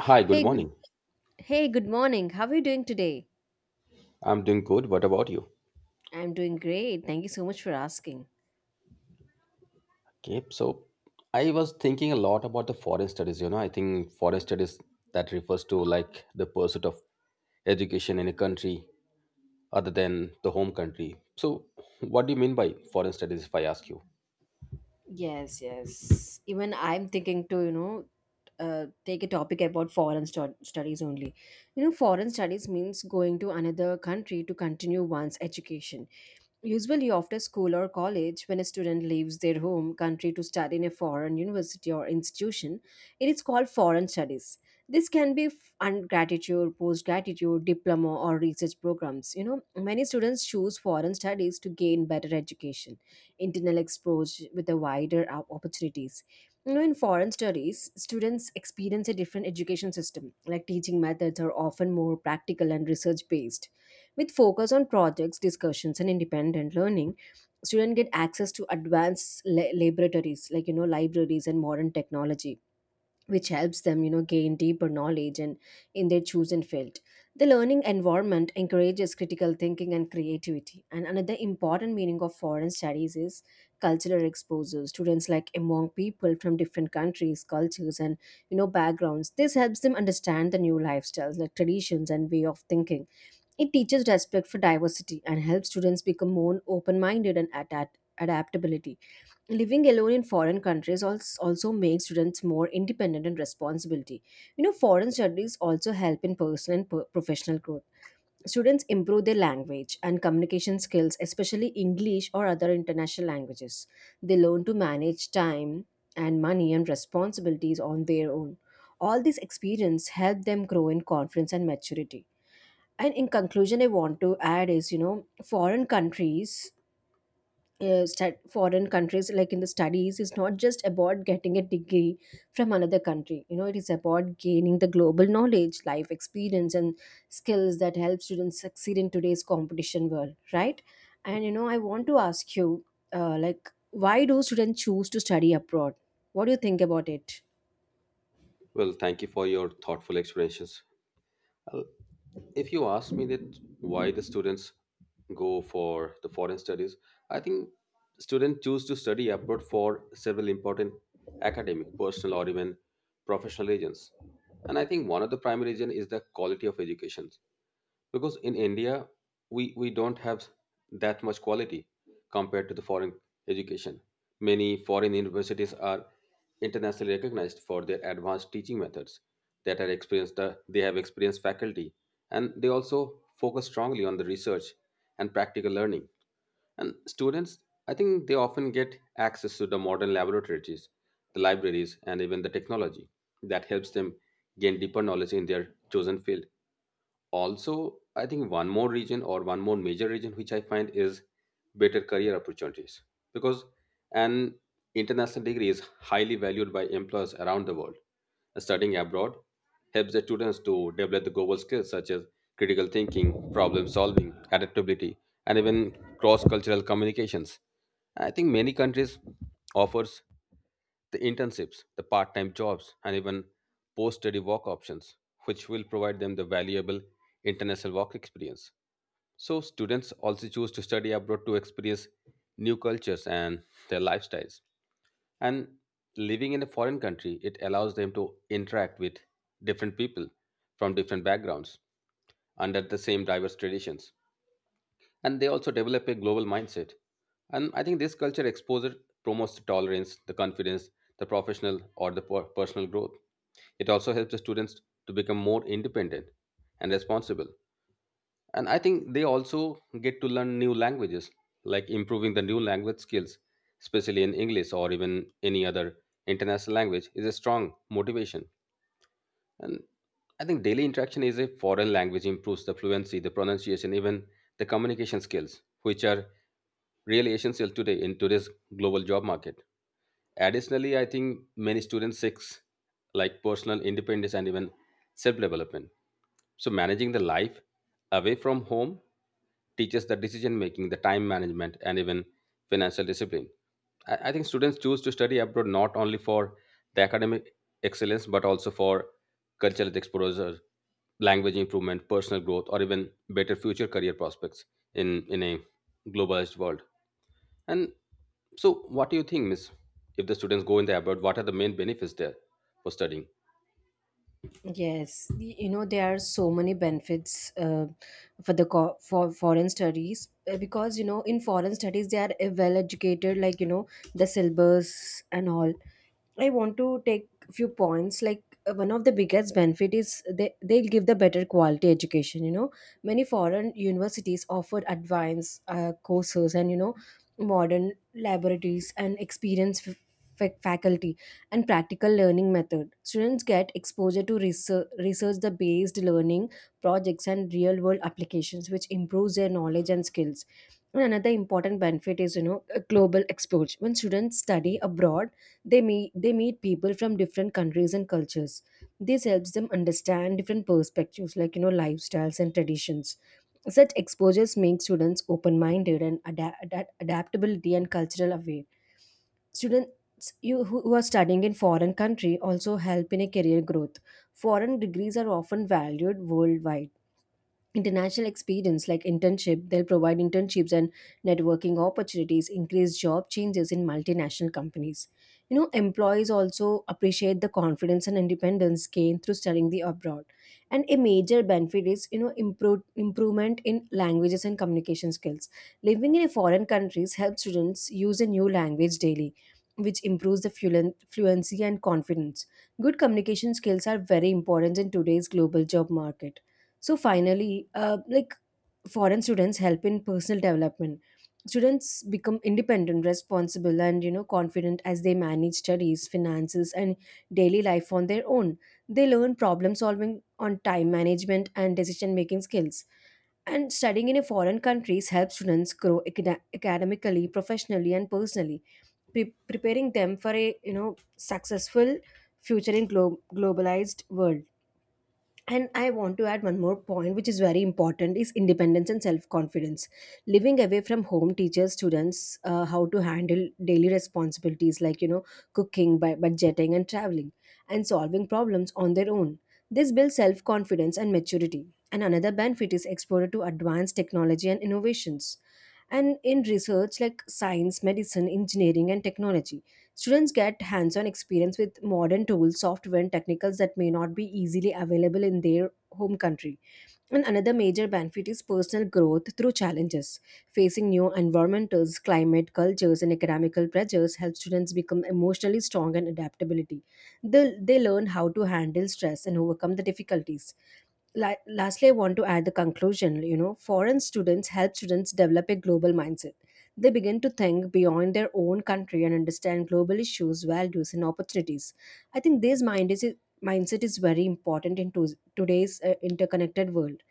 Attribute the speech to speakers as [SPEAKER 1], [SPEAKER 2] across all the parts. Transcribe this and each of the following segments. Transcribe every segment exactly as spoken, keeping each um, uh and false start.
[SPEAKER 1] Hi, good
[SPEAKER 2] Hey, good
[SPEAKER 1] morning.
[SPEAKER 2] hey, good morning. How are you doing today?
[SPEAKER 1] I'm doing good. What about you?
[SPEAKER 2] I'm doing great. Thank you so much for asking.
[SPEAKER 1] Okay, so I was thinking a lot about the foreign studies. You know, I think foreign studies that refers to like the pursuit of education in a country other than the home country. So, what do you mean by foreign studies, if I ask you?
[SPEAKER 2] Yes, yes. Even I'm thinking to, you know, uh, take a topic about foreign stu- studies only. You know, foreign studies means going to another country to continue one's education. Usually, after school or college, when a student leaves their home country to study in a foreign university or institution, it is called foreign studies. This can be f- undergraduate, postgraduate, diploma, or research programs. You know, many students choose foreign studies to gain better education, internal exposure with the wider op- opportunities. You know, in foreign studies, students experience a different education system, like teaching methods are often more practical and research based. With focus on projects, discussions, and independent learning, students get access to advanced la- laboratories, like, you know, libraries and modern technology, which helps them, you know, gain deeper knowledge and in their chosen field. The learning environment encourages critical thinking and creativity. And another important meaning of foreign studies is cultural exposure. Students, like, among people from different countries, cultures, and, you know, backgrounds. This helps them understand the new lifestyles, like traditions and way of thinking. It teaches respect for diversity and helps students become more open-minded and adapt adaptability. Living alone in foreign countries als- also makes students more independent and responsibility. You know, foreign studies also help in personal and per- professional growth. Students improve their language and communication skills, especially english or other international languages. They learn to manage time and money and responsibilities on their own. All these experience help them grow in confidence and maturity. And in conclusion, I want to add is, you know, foreign countries uh, stud- foreign countries, like in the studies, is not just about getting a degree from another country. You know, it is about gaining the global knowledge, life experience, and skills that help students succeed in today's competition world, right? And, you know, I want to ask you, uh, like, why do students choose to study abroad? What do you think about it?
[SPEAKER 1] Well, thank you for your thoughtful explanations. If you ask me that why the students go for the foreign studies, I think students choose to study abroad for several important academic, personal, or even professional reasons. And I think one of the primary reason is the quality of education, because in India, we, we don't have that much quality compared to the foreign education. Many foreign universities are internationally recognized for their advanced teaching methods. That are experienced, uh, they have experienced faculty, and they also focus strongly on the research and practical learning. And students, I think they often get access to the modern laboratories, the libraries, and even the technology that helps them gain deeper knowledge in their chosen field. Also, I think one more region or one more major region which I find is better career opportunities, because an international degree is highly valued by employers around the world. Studying abroad helps the students to develop the global skills such as critical thinking, problem solving, adaptability, and even cross cultural communications. I think many countries offers the internships, the part time jobs, and even post study work options, which will provide them the valuable international work experience. So, students also choose to study abroad to experience new cultures and their lifestyles. And living in a foreign country, it allows them to interact with different people from different backgrounds under the same diverse traditions, and they also develop a global mindset. And I think this culture exposure promotes the tolerance, the confidence, the professional or the per- personal growth. It also helps the students to become more independent and responsible. And I think they also get to learn new languages, like improving the new language skills, especially in English, or even any other international language is a strong motivation. And I think daily interaction is a foreign language improves the fluency, the pronunciation, even the communication skills, which are really essential today in today's global job market. Additionally, I think many students seek like personal independence and even self-development. So managing the life away from home teaches the decision making, the time management, and even financial discipline. I, I think students choose to study abroad not only for the academic excellence, but also for cultural exposure, language improvement, personal growth, or even better future career prospects in, in a globalized world. And so, what do you think, Miss? If the students go in the abroad, what are the main benefits there for studying?
[SPEAKER 2] Yes, y- you know, there are so many benefits uh, for the co- for foreign studies, uh, because, you know, in foreign studies they are, uh, well educated, like, you know, the syllabus and all. I want to take a few points. Like, uh, one of the biggest benefit is they they'll give the better quality education. You know, many foreign universities offer advanced uh, courses and, you know, modern laboratories and experienced f- fa- faculty and practical learning method. Students get exposure to research research the based learning projects and real world applications, which improves their knowledge and skills. And another important benefit is, you know, a global exposure. When students study abroad, they meet they meet people from different countries and cultures. This helps them understand different perspectives, like, you know, lifestyles and traditions. Such exposures make students open minded and ada- ada- adaptability and cultural aware. Students you who who are studying in foreign country also help in a career growth. Foreign degrees are often valued worldwide. International experience, like internship, they'll provide internships and networking opportunities, increase job changes in multinational companies. You know, employees also appreciate the confidence and independence gained through studying the abroad. And a major benefit is, you know, improve, improvement in languages and communication skills. Living in a foreign countries helps students use a new language daily, which improves the fluen- fluency and confidence. Good communication skills are very important in today's global job market. So finally, uh, like, foreign students help in personal development. Students become independent, responsible, and, you know, confident as they manage studies, finances, and daily life on their own. They learn problem solving on time management and decision making skills. And studying in a foreign countries helps students grow acad- academically, professionally, and personally, pre- preparing them for a, you know, successful future in glo- globalized world. And I want to add one more point, which is very important, is independence and self confidence. Living away from home teaches students, uh, how to handle daily responsibilities, like, you know, cooking, bu- budgeting, and traveling, and solving problems on their own. This builds self confidence and maturity. And another benefit is exposure to advanced technology and innovations and in research, like science, medicine, engineering, and technology. Students get hands on experience with modern tools, software, and technicals that may not be easily available in their home country. And another major benefit is personal growth through challenges. Facing new environments, climate, cultures, and economical pressures help students become emotionally strong and adaptability. They, they learn how to handle stress and overcome the difficulties. La- lastly, I want to add the conclusion. You know, foreign students help students develop a global mindset. They begin to think beyond their own country and understand global issues, values, and opportunities. I think this mind is mindset is very important in to- today's uh, interconnected world.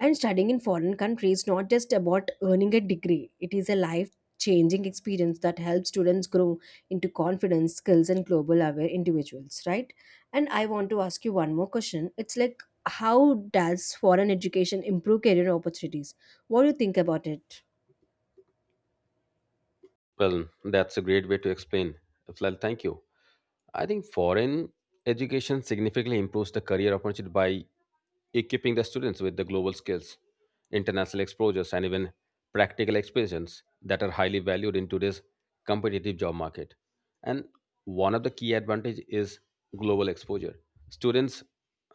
[SPEAKER 2] And studying in foreign country is not just about earning a degree, it is a life changing experience that helps students grow into confidence, skills, and global aware individuals, right? And I want to ask you one more question. It's like, how does foreign education improve career opportunities? What do you think about it?
[SPEAKER 1] Well, that's a great way to explain. Well, thank you. I think foreign education significantly improves the career opportunity by equipping the students with the global skills, international exposures, and even practical experiences that are highly valued in today's competitive job market. And one of the key advantage is global exposure. Students,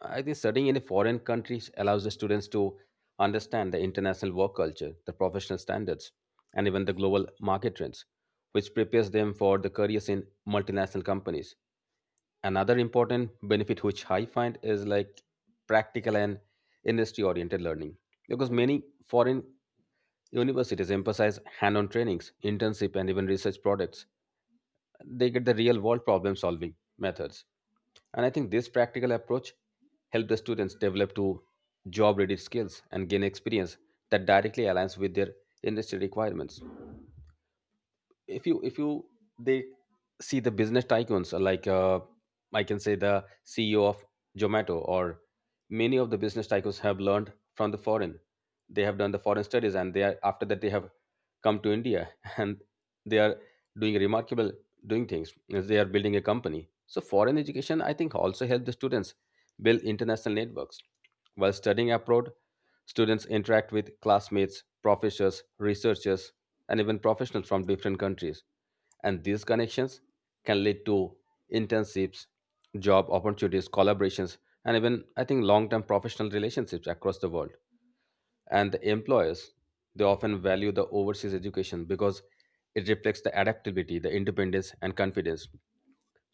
[SPEAKER 1] I think studying in a foreign country allows the students to understand the international work culture, the professional standards, and even the global market trends, which prepares them for the careers in multinational companies. Another important benefit which I find is like practical and industry oriented learning, because many foreign universities emphasize hand on trainings, internship, and even research products. They get the real world problem solving methods. And I think this practical approach helps the students develop to job ready skills and gain experience that directly aligns with their industry requirements. If you if you they see the business tycoons, uh, like uh, I can say the CEO of Zomato, or many of the business tycoons have learned from the foreign, they have done the foreign studies, and they are, after that they have come to India and they are doing remarkable doing things as they are building a company. So foreign education, I think, also help the students build international networks. While studying abroad, students interact with classmates, professors, researchers, and even professionals from different countries. And these connections can lead to internships, job opportunities, collaborations, and even, I think, long term professional relationships across the world. And the employers, they often value the overseas education because it reflects the adaptability, the independence, and confidence.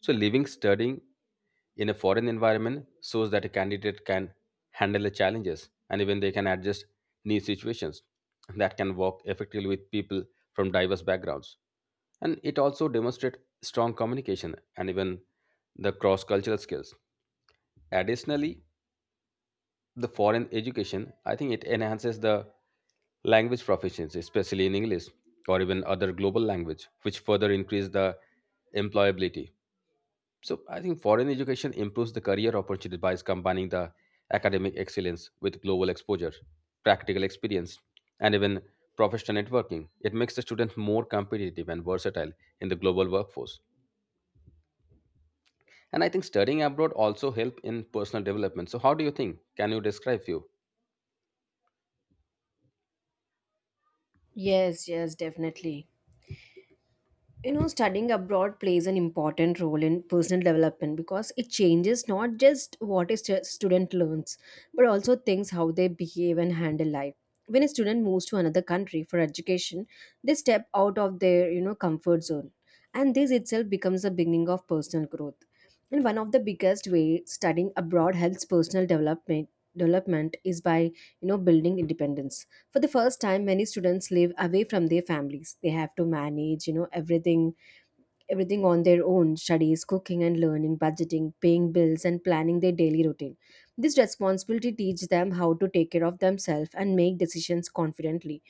[SPEAKER 1] So, living, studying in a foreign environment shows that a candidate can handle the challenges, and even they can adjust new situations, that can work effectively with people from diverse backgrounds. And it also demonstrates strong communication and even the cross cultural skills. Additionally, the foreign education, I think, it enhances the language proficiency, especially in English, or even other global language, which further increase the employability. So I think foreign education improves the career opportunity by combining the academic excellence with global exposure, practical experience, and even professional networking. It makes the student more competitive and versatile in the global workforce. And I think studying abroad also help in personal development. So how do you think? Can you describe few?
[SPEAKER 2] Yes, yes, definitely. You know, studying abroad plays an important role in personal development because it changes not just what a stu- student learns, but also things how they behave and handle life. When a student moves to another country for education, they step out of their, you know, comfort zone, and this itself becomes the beginning of personal growth. And one of the biggest way studying abroad helps personal development development is by, you know, building independence. For the first time, many students live away from their families. They have to manage, you know, everything everything on their own: studies, cooking and learning, budgeting, paying bills, and planning their daily routine. This responsibility teaches them how to take care of themselves and make decisions confidently.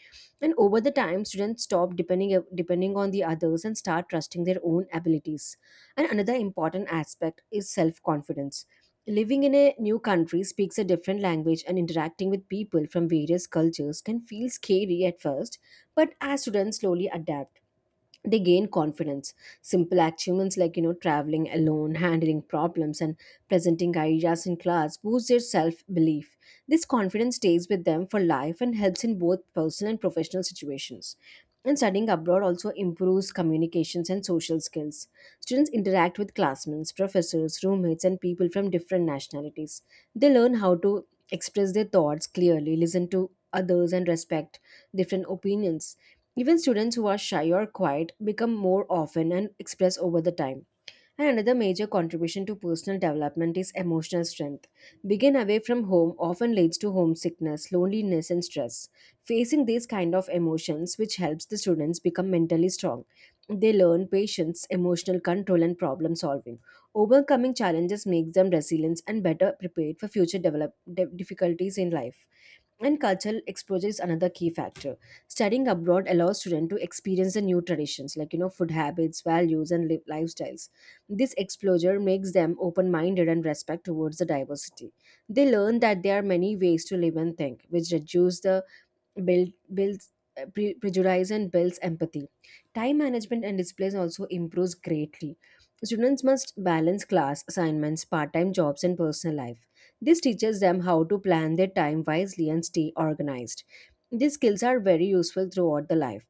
[SPEAKER 2] And over the time, students stop depending, depending on the others and start trusting their own abilities. And another important aspect is self confidence. Living in a new country, speaks a different language, and interacting with people from various cultures can feel scary at first, but as students slowly adapt, they gain confidence. Simple achievements, like, you know, traveling alone, handling problems, and presenting ideas in class, boost their self belief. This confidence stays with them for life and helps in both personal and professional situations. And studying abroad also improves communications and social skills. Students interact with classmates, professors, roommates, and people from different nationalities. They learn how to express their thoughts clearly, listen to others, and respect different opinions. Even students who are shy or quiet become more often and express over the time. And another major contribution to personal development is emotional strength. Being away from home often leads to homesickness, loneliness, and stress. Facing these kind of emotions, which helps the students become mentally strong, they learn patience, emotional control, and problem solving. Overcoming challenges makes them resilient and better prepared for future develop, de- difficulties in life. And cultural exposure is another key factor. Studying abroad allows students to experience the new traditions, like, you know, food habits, values, and li- lifestyles. This exposure makes them open-minded and respect towards the diversity. They learn that there are many ways to live and think, which reduce the build, builds uh, pre- prejudice and builds empathy. Time management and discipline also improves greatly. Students must balance class assignments, part-time jobs, and personal life. This teaches them how to plan their time wisely and stay organized. These skills are very useful throughout the life.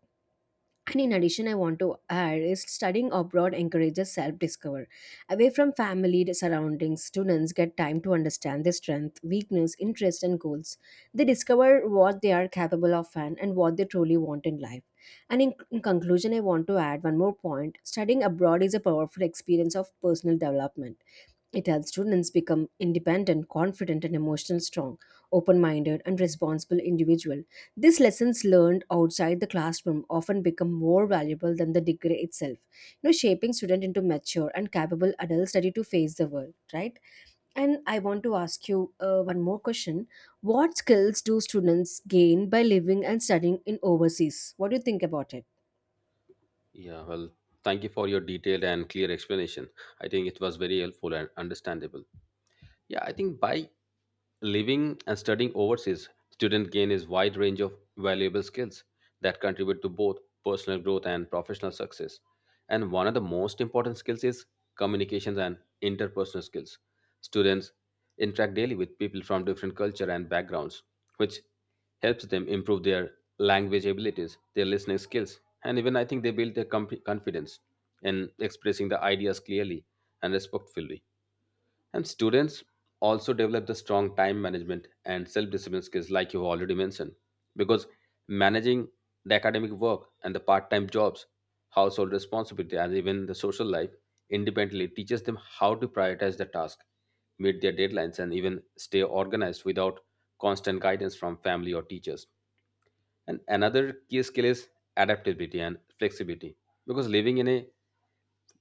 [SPEAKER 2] And in addition, I want to add is studying abroad encourages self-discovery. Away from family surroundings, students get time to understand their strength, weakness, interests, and goals. They discover what they are capable of, and, and what they truly want in life. And in, in conclusion, I want to add one more point. Studying abroad is a powerful experience of personal development. It helps students become independent, confident, and emotionally strong, open minded, and responsible individual. These lessons learned outside the classroom often become more valuable than the degree itself, you know, shaping students into mature and capable adults ready to face the world, right? And I want to ask you uh, one more question. What skills do students gain by living and studying in overseas? What do you think about it?
[SPEAKER 1] Yeah, well, thank you for your detailed and clear explanation. I think it was very helpful and understandable. Yeah, I think by living and studying overseas, student gain is wide range of valuable skills that contribute to both personal growth and professional success. And one of the most important skills is communications and interpersonal skills. Students interact daily with people from different culture and backgrounds, which helps them improve their language abilities, their listening skills, and even I think they build their comp- confidence in expressing the ideas clearly and respectfully. And students also develop the strong time management and self discipline skills, like you already mentioned, because managing the academic work and the part time jobs, household responsibility, and even the social life independently teaches them how to prioritize the task, meet their deadlines, and even stay organized without constant guidance from family or teachers. And another key skill is adaptability and flexibility, because living in a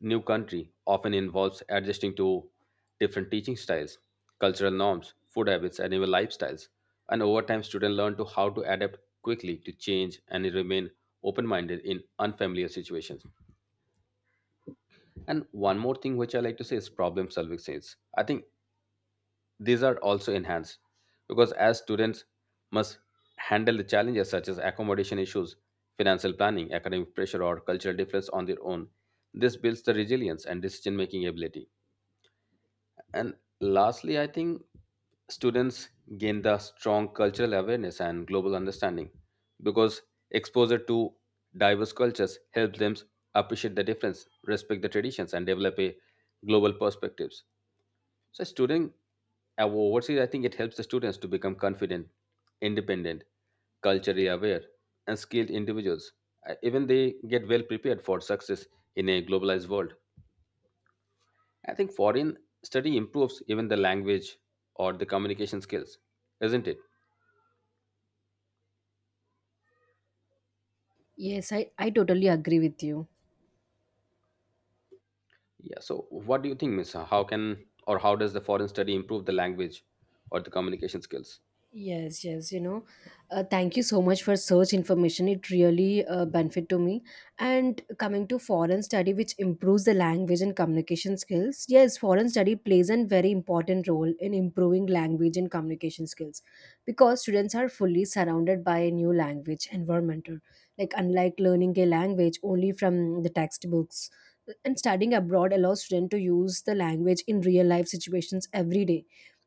[SPEAKER 1] new country often involves adjusting to different teaching styles, cultural norms, food habits, and even lifestyles. And over time, students learn to how to adapt quickly to change and remain open-minded in unfamiliar situations. And one more thing which I like to say is problem solving skills. I think these are also enhanced because as students must handle the challenges such as accommodation issues, financial planning, academic pressure, or cultural difference on their own. This builds the resilience and decision-making ability. And lastly, I think students gain the strong cultural awareness and global understanding, because exposure to diverse cultures helps them appreciate the difference, respect the traditions, and develop a global perspectives. So, student uh, overseas, I think it helps the students to become confident, independent, culturally aware, and skilled individuals. Uh, Even they get well prepared for success in a globalized world. I think foreign study improves even the language or the communication skills, isn't it?
[SPEAKER 2] Yes, I, I totally agree with you.
[SPEAKER 1] Yeah. So, what do you think, Miss? How can or how does the foreign study improve the language or the communication skills?
[SPEAKER 2] Yes, yes, you know, uh, thank you so much for such information. It really uh, benefit to me. And coming to foreign study, which improves the language and communication skills. Yes, foreign study plays a very important role in improving language and communication skills because students are fully surrounded by a new language environment. Like, unlike learning a language only from the textbooks, and studying abroad allows students to use the language in real life situations every day.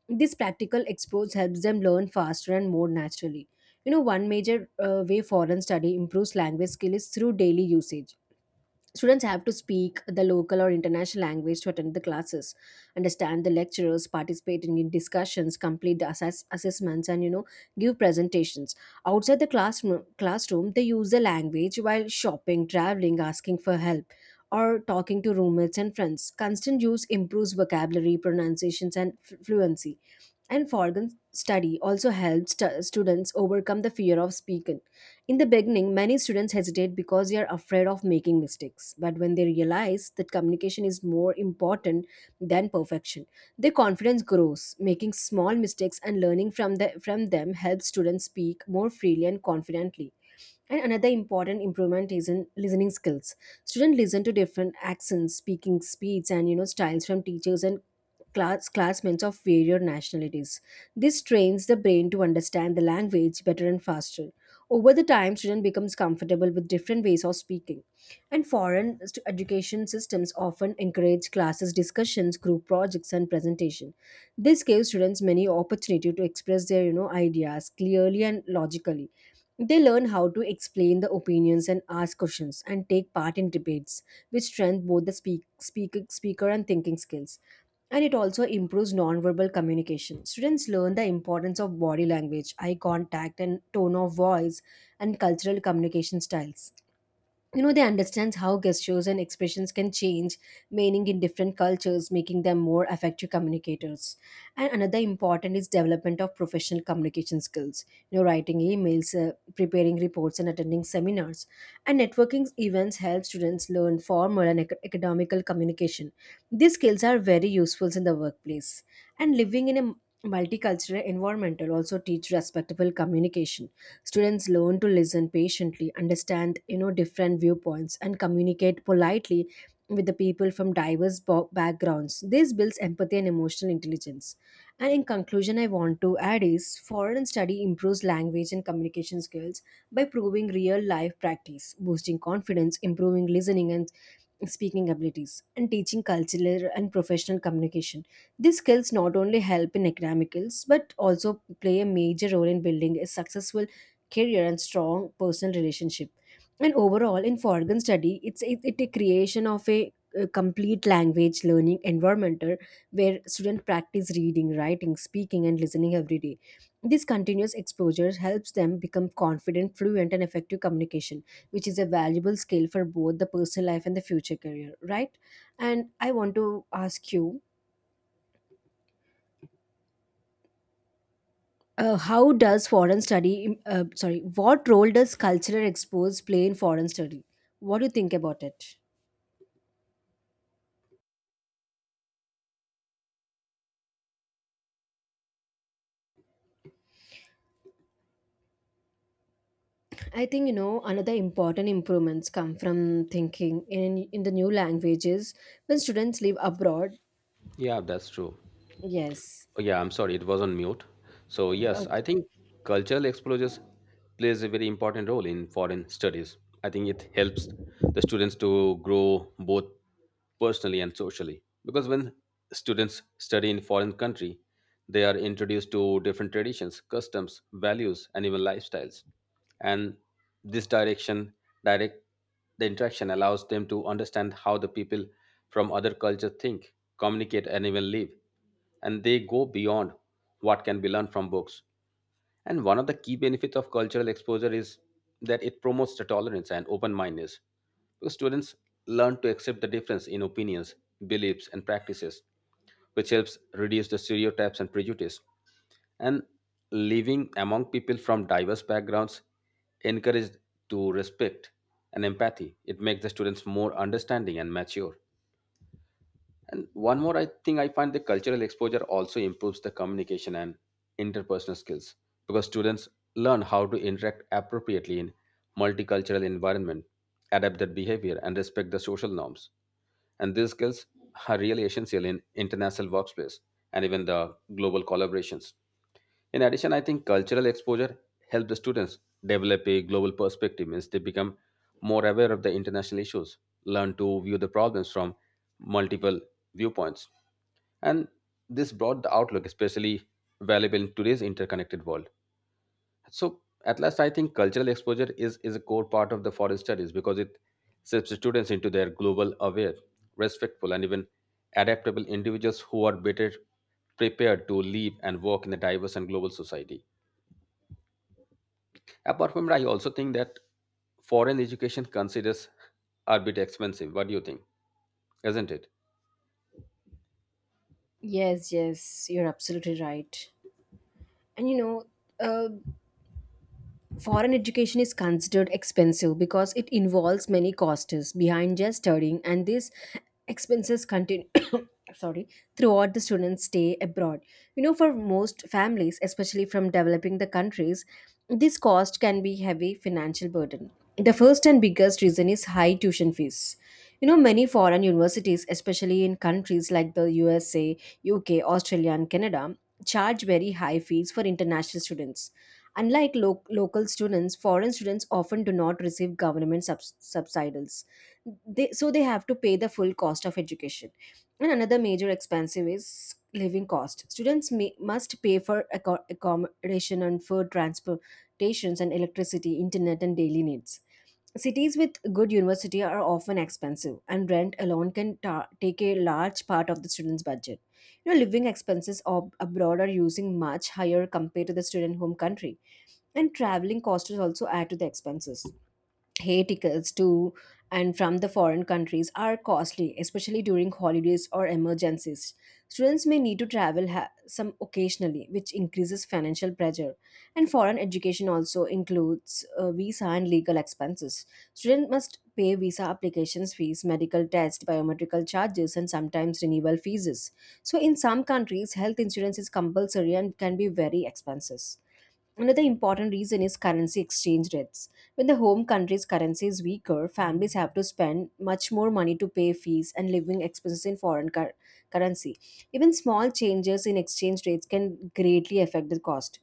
[SPEAKER 2] This practical exposure helps them learn faster and more naturally. You know, one major uh, way foreign study improves language skill is through daily usage. Students have to speak the local or international language to attend the classes, understand the lecturers, participate in discussions, complete the assess- assessments, and you know give presentations. Outside the classroom, classroom, they use the language while shopping, traveling, asking for help, or talking to roommates and friends. Constant use improves vocabulary, pronunciations, and f- fluency. And foreign study also helps stu- students overcome the fear of speaking. In the beginning, many students hesitate because they are afraid of making mistakes. But when they realize that communication is more important than perfection, their confidence grows. Making small mistakes and learning from, the, from them helps students speak more freely and confidently. And another important improvement is in listening skills. Students listen to different accents, speaking speeds, and you know styles from teachers and class classmates of various nationalities. This trains the brain to understand the language better and faster. Over the time, student becomes comfortable with different ways of speaking. And foreign st- education systems often encourage classes discussions, group projects and presentation. This gives students many opportunity to express their you know ideas clearly and logically. They learn how to explain the opinions and ask questions and take part in debates, which strengthen both the speak, speak, speaker and thinking skills, and it also improves nonverbal communication. Students learn the importance of body language, eye contact, and tone of voice, and cultural communication styles. You know they understand how gestures and expressions can change meaning in different cultures, making them more effective communicators. And another important is development of professional communication skills. You know writing emails, uh, preparing reports and attending seminars and networking events help students learn formal and ac- academical communication. These skills are very useful in the workplace. And living in a multicultural environment will also teach respectful communication. Students learn to listen patiently, understand you know different viewpoints, and communicate politely with the people from diverse bo- backgrounds. This builds empathy and emotional intelligence. And in conclusion, I want to add is foreign study improves language and communication skills by proving real life practice, boosting confidence, improving listening and speaking abilities, and teaching cultural and professional communication. These skills not only help in academics but also play a major role in building a successful career and strong personal relationship. And overall in foreign study it's it, it a creation of a, uh complete language learning environment, uh, where students practice reading, writing, speaking, and listening every day. This continuous exposure helps them become confident, fluent, and effective communication, which is a valuable skill for both the personal life and the future career, right? And I want to ask you, uh, how does foreign study, uh, sorry, what role does cultural expose play in foreign study? What do you think about it? I think you know another important improvements come from thinking in in the new languages when students live abroad.
[SPEAKER 1] Yeah, that's true.
[SPEAKER 2] Yes.
[SPEAKER 1] Oh, yeah, I'm sorry, it was on mute. So, yes, I
[SPEAKER 2] Okay.
[SPEAKER 1] think cultural exposures plays a very important role in foreign studies. I think it helps the students to grow both personally and socially. Because when students study in foreign country, they are introduced to different traditions, customs, values, and even lifestyles. And this direction, direct the interaction allows them to understand how the people from other cultures think, communicate, and even live, and they go beyond what can be learned from books. And one of the key benefits of cultural exposure is that it promotes the tolerance and open mindedness, because students learn to accept the difference in opinions, beliefs, and practices, which helps reduce the stereotypes and prejudice. And living among people from diverse backgrounds encourages to respect and empathy. It makes the students more understanding and mature. And one more, I think I find the cultural exposure also improves the communication and interpersonal skills, because students learn how to interact appropriately in multicultural environment, adapt their behavior, and respect the social norms. And these skills are really essential in international workplace and even the global collaborations. In addition, I think cultural exposure helps the students develop a global perspective, means they become more aware of the international issues, learn to view the problems from multiple viewpoints. And this broad outlook, especially valuable in today's interconnected world. So at last, I think cultural exposure is, is a core part of the foreign studies, because it shapes the students into their global aware, respectful, and even adaptable individuals who are better prepared to live and work in a diverse and global society. Apart from it, I also think that foreign education considers are a bit expensive. What do you think? Isn't it?
[SPEAKER 2] Yes, yes, you're absolutely right. And you know, uh, foreign education is considered expensive because it involves many costs behind just studying, and these expenses continue. Sorry, throughout the students stay abroad. You know for most families, especially from developing the countries, this cost can be heavy financial burden. The first and biggest reason is high tuition fees. You know many foreign universities, especially in countries like the U S A, U K, australia, and canada, charge very high fees for international students. Unlike lo- local students, foreign students often do not receive government subs- subsidies. They, so they have to pay the full cost of education. And another major expensive is living cost. Students may, must pay for acco- accommodation and food, transportations and electricity, internet and daily needs. Cities with good university are often expensive, and rent alone can ta- take a large part of the student's budget. You know, living expenses ob- abroad are using much higher compared to the student home country. And traveling costs also add to the expenses. Hey tickets to and from the foreign countries are costly, especially during holidays or emergencies. Students may need to travel ha- some occasionally, which increases financial pressure. And foreign education also includes uh, visa and legal expenses. Students must pay visa applications fees, medical tests, biometrical charges, and sometimes renewal fees. So in some countries health insurance is compulsory and can be very expensive. Another important reason is currency exchange rates. When the home country's currency is weaker, families have to spend much more money to pay fees and living expenses in foreign cur- currency. Even small changes in exchange rates can greatly affect the cost.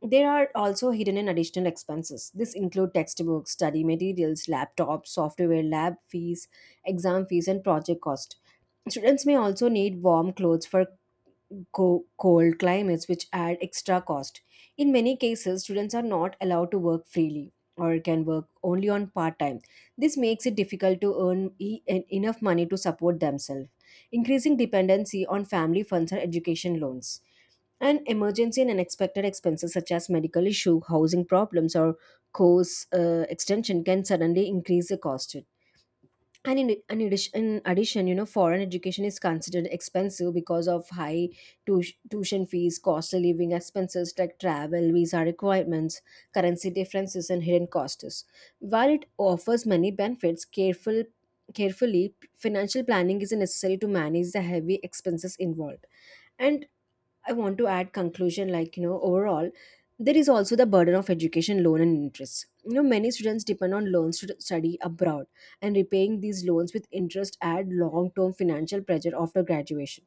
[SPEAKER 2] There are also hidden and additional expenses. This include textbooks, study materials, laptops, software, lab fees, exam fees, and project cost. Students may also need warm clothes for co- cold climates, which add extra cost. In many cases, students are not allowed to work freely or can work only on part time. This makes it difficult to earn e- en- enough money to support themselves, increasing dependency on family funds or education loans. And emergency and unexpected expenses such as medical issue, housing problems, or course uh, extension can suddenly increase the cost. And in, in, addition, in addition, you know, foreign education is considered expensive because of high tu- tuition fees, costly living expenses like travel, visa requirements, currency differences, and hidden costs. While it offers many benefits, careful carefully financial planning is necessary to manage the heavy expenses involved. And I want to add conclusion like, you know, overall, there is also the burden of education loan and interest. You know, many students depend on loans to study abroad, and repaying these loans with interest add long-term financial pressure after graduation.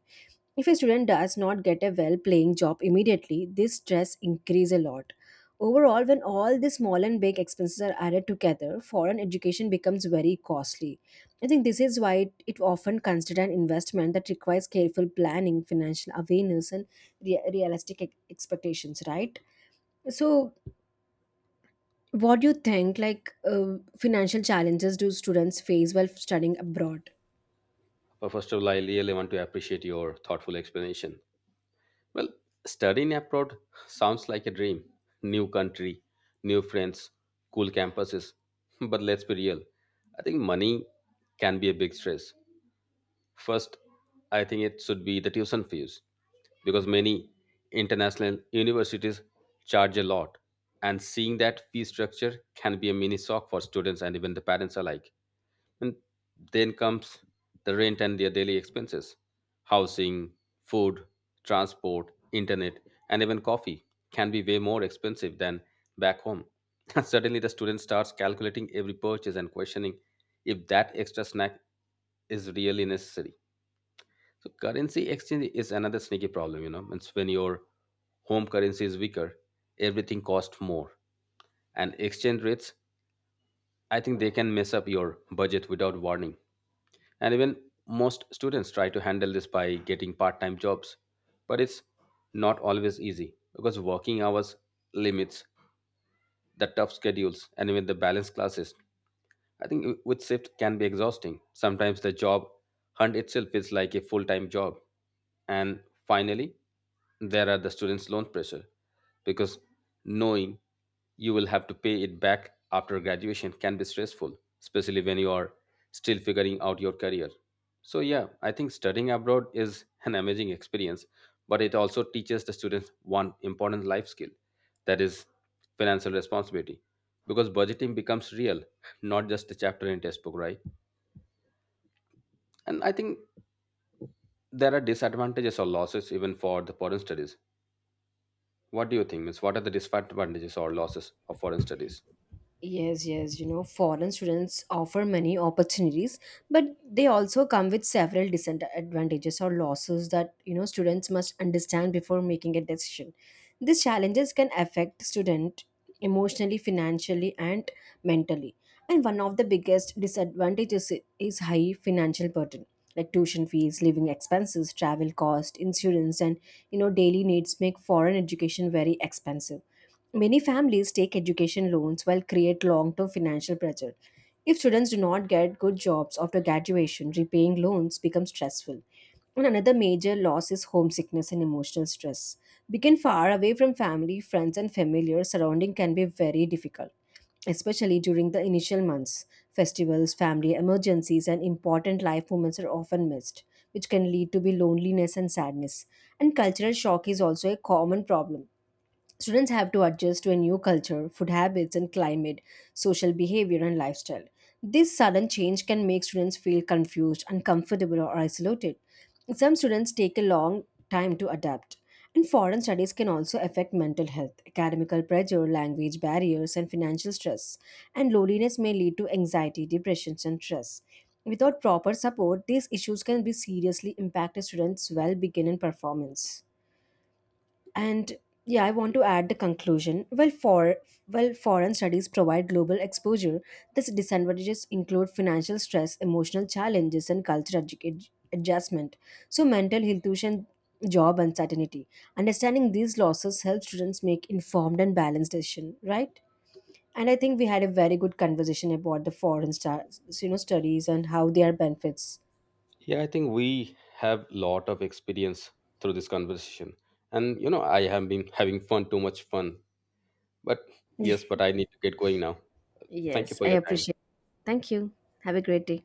[SPEAKER 2] If a student does not get a well paying job immediately, this stress increase a lot. Overall, when all these small and big expenses are added together, foreign education becomes very costly. I think this is why it, it often considered an investment that requires careful planning, financial awareness, and rea- realistic ex- expectations, right? So, what do you think? Like, uh, financial challenges do students face while studying abroad?
[SPEAKER 1] But first of all, I really want to appreciate your thoughtful explanation. Well, studying abroad sounds like a dream. New country, new friends, cool campuses. But let's be real. I think money can be a big stress. First, I think it should be the tuition fees, because many international universities charge a lot, and seeing that fee structure can be a mini shock for students and even the parents alike. And then comes the rent and their daily expenses, housing, food, transport, internet, and even coffee can be way more expensive than back home. And suddenly, the student starts calculating every purchase and questioning if that extra snack is really necessary. So currency exchange is another sneaky problem, you know. Means when your home currency is weaker, everything costs more. And exchange rates, I think they can mess up your budget without warning. And even most students try to handle this by getting part-time jobs. But it's not always easy, because working hours limits, the tough schedules, and even the balanced classes, I think w- with shift can be exhausting. Sometimes the job hunt itself is like a full-time job. And finally, there are the students' loan pressure, because knowing you will have to pay it back after graduation can be stressful, especially when you are still figuring out your career. So, yeah, I think studying abroad is an amazing experience, but it also teaches the students one important life skill, that is financial responsibility, because budgeting becomes real, not just a chapter in textbook, right? And I think there are disadvantages or losses even for the foreign studies. What do you think means, what are the disadvantages or losses of foreign studies?
[SPEAKER 2] Yes, yes, you know, foreign students offer many opportunities, but they also come with several disadvantages or losses that, you know, students must understand before making a decision. These challenges can affect student emotionally, financially, and mentally. And one of the biggest disadvantages i- is high financial burden, like tuition fees, living expenses, travel cost, insurance, and, you know, daily needs make foreign education very expensive. Many families take education loans while create long-term financial pressure. If students do not get good jobs after graduation, repaying loans becomes stressful. And another major loss is homesickness and emotional stress. Being far away from family, friends, and familiar surrounding can be very difficult, especially during the initial months. Festivals, family emergencies, and important life moments are often missed, which can lead to be loneliness and sadness. And cultural shock is also a common problem. Students have to adjust to a new culture, food habits and climate, social behavior and lifestyle. This sudden change can make students feel confused, uncomfortable or isolated. Some students take a long time to adapt. And foreign studies can also affect mental health, academical pressure, language barriers and financial stress. And loneliness may lead to anxiety, depression and stress. Without proper support, these issues can be seriously impact a student's well-being and performance. And yeah, I want to add the conclusion. Well, for well, foreign studies provide global exposure. These disadvantages include financial stress, emotional challenges, and cultural adju- adjustment. So, mental health, tuition, job uncertainty. Understanding these losses helps students make informed and balanced decision, right? And I think we had a very good conversation about the foreign stu- you know studies and how their benefits.
[SPEAKER 1] Yeah, I think we have lot of experience through this conversation, and you know, I have been having fun too much fun. But, yes, but I need to get going now. Thank you
[SPEAKER 2] Yes,
[SPEAKER 1] for
[SPEAKER 2] I
[SPEAKER 1] your time.
[SPEAKER 2] appreciate. Thank you. Have a great day.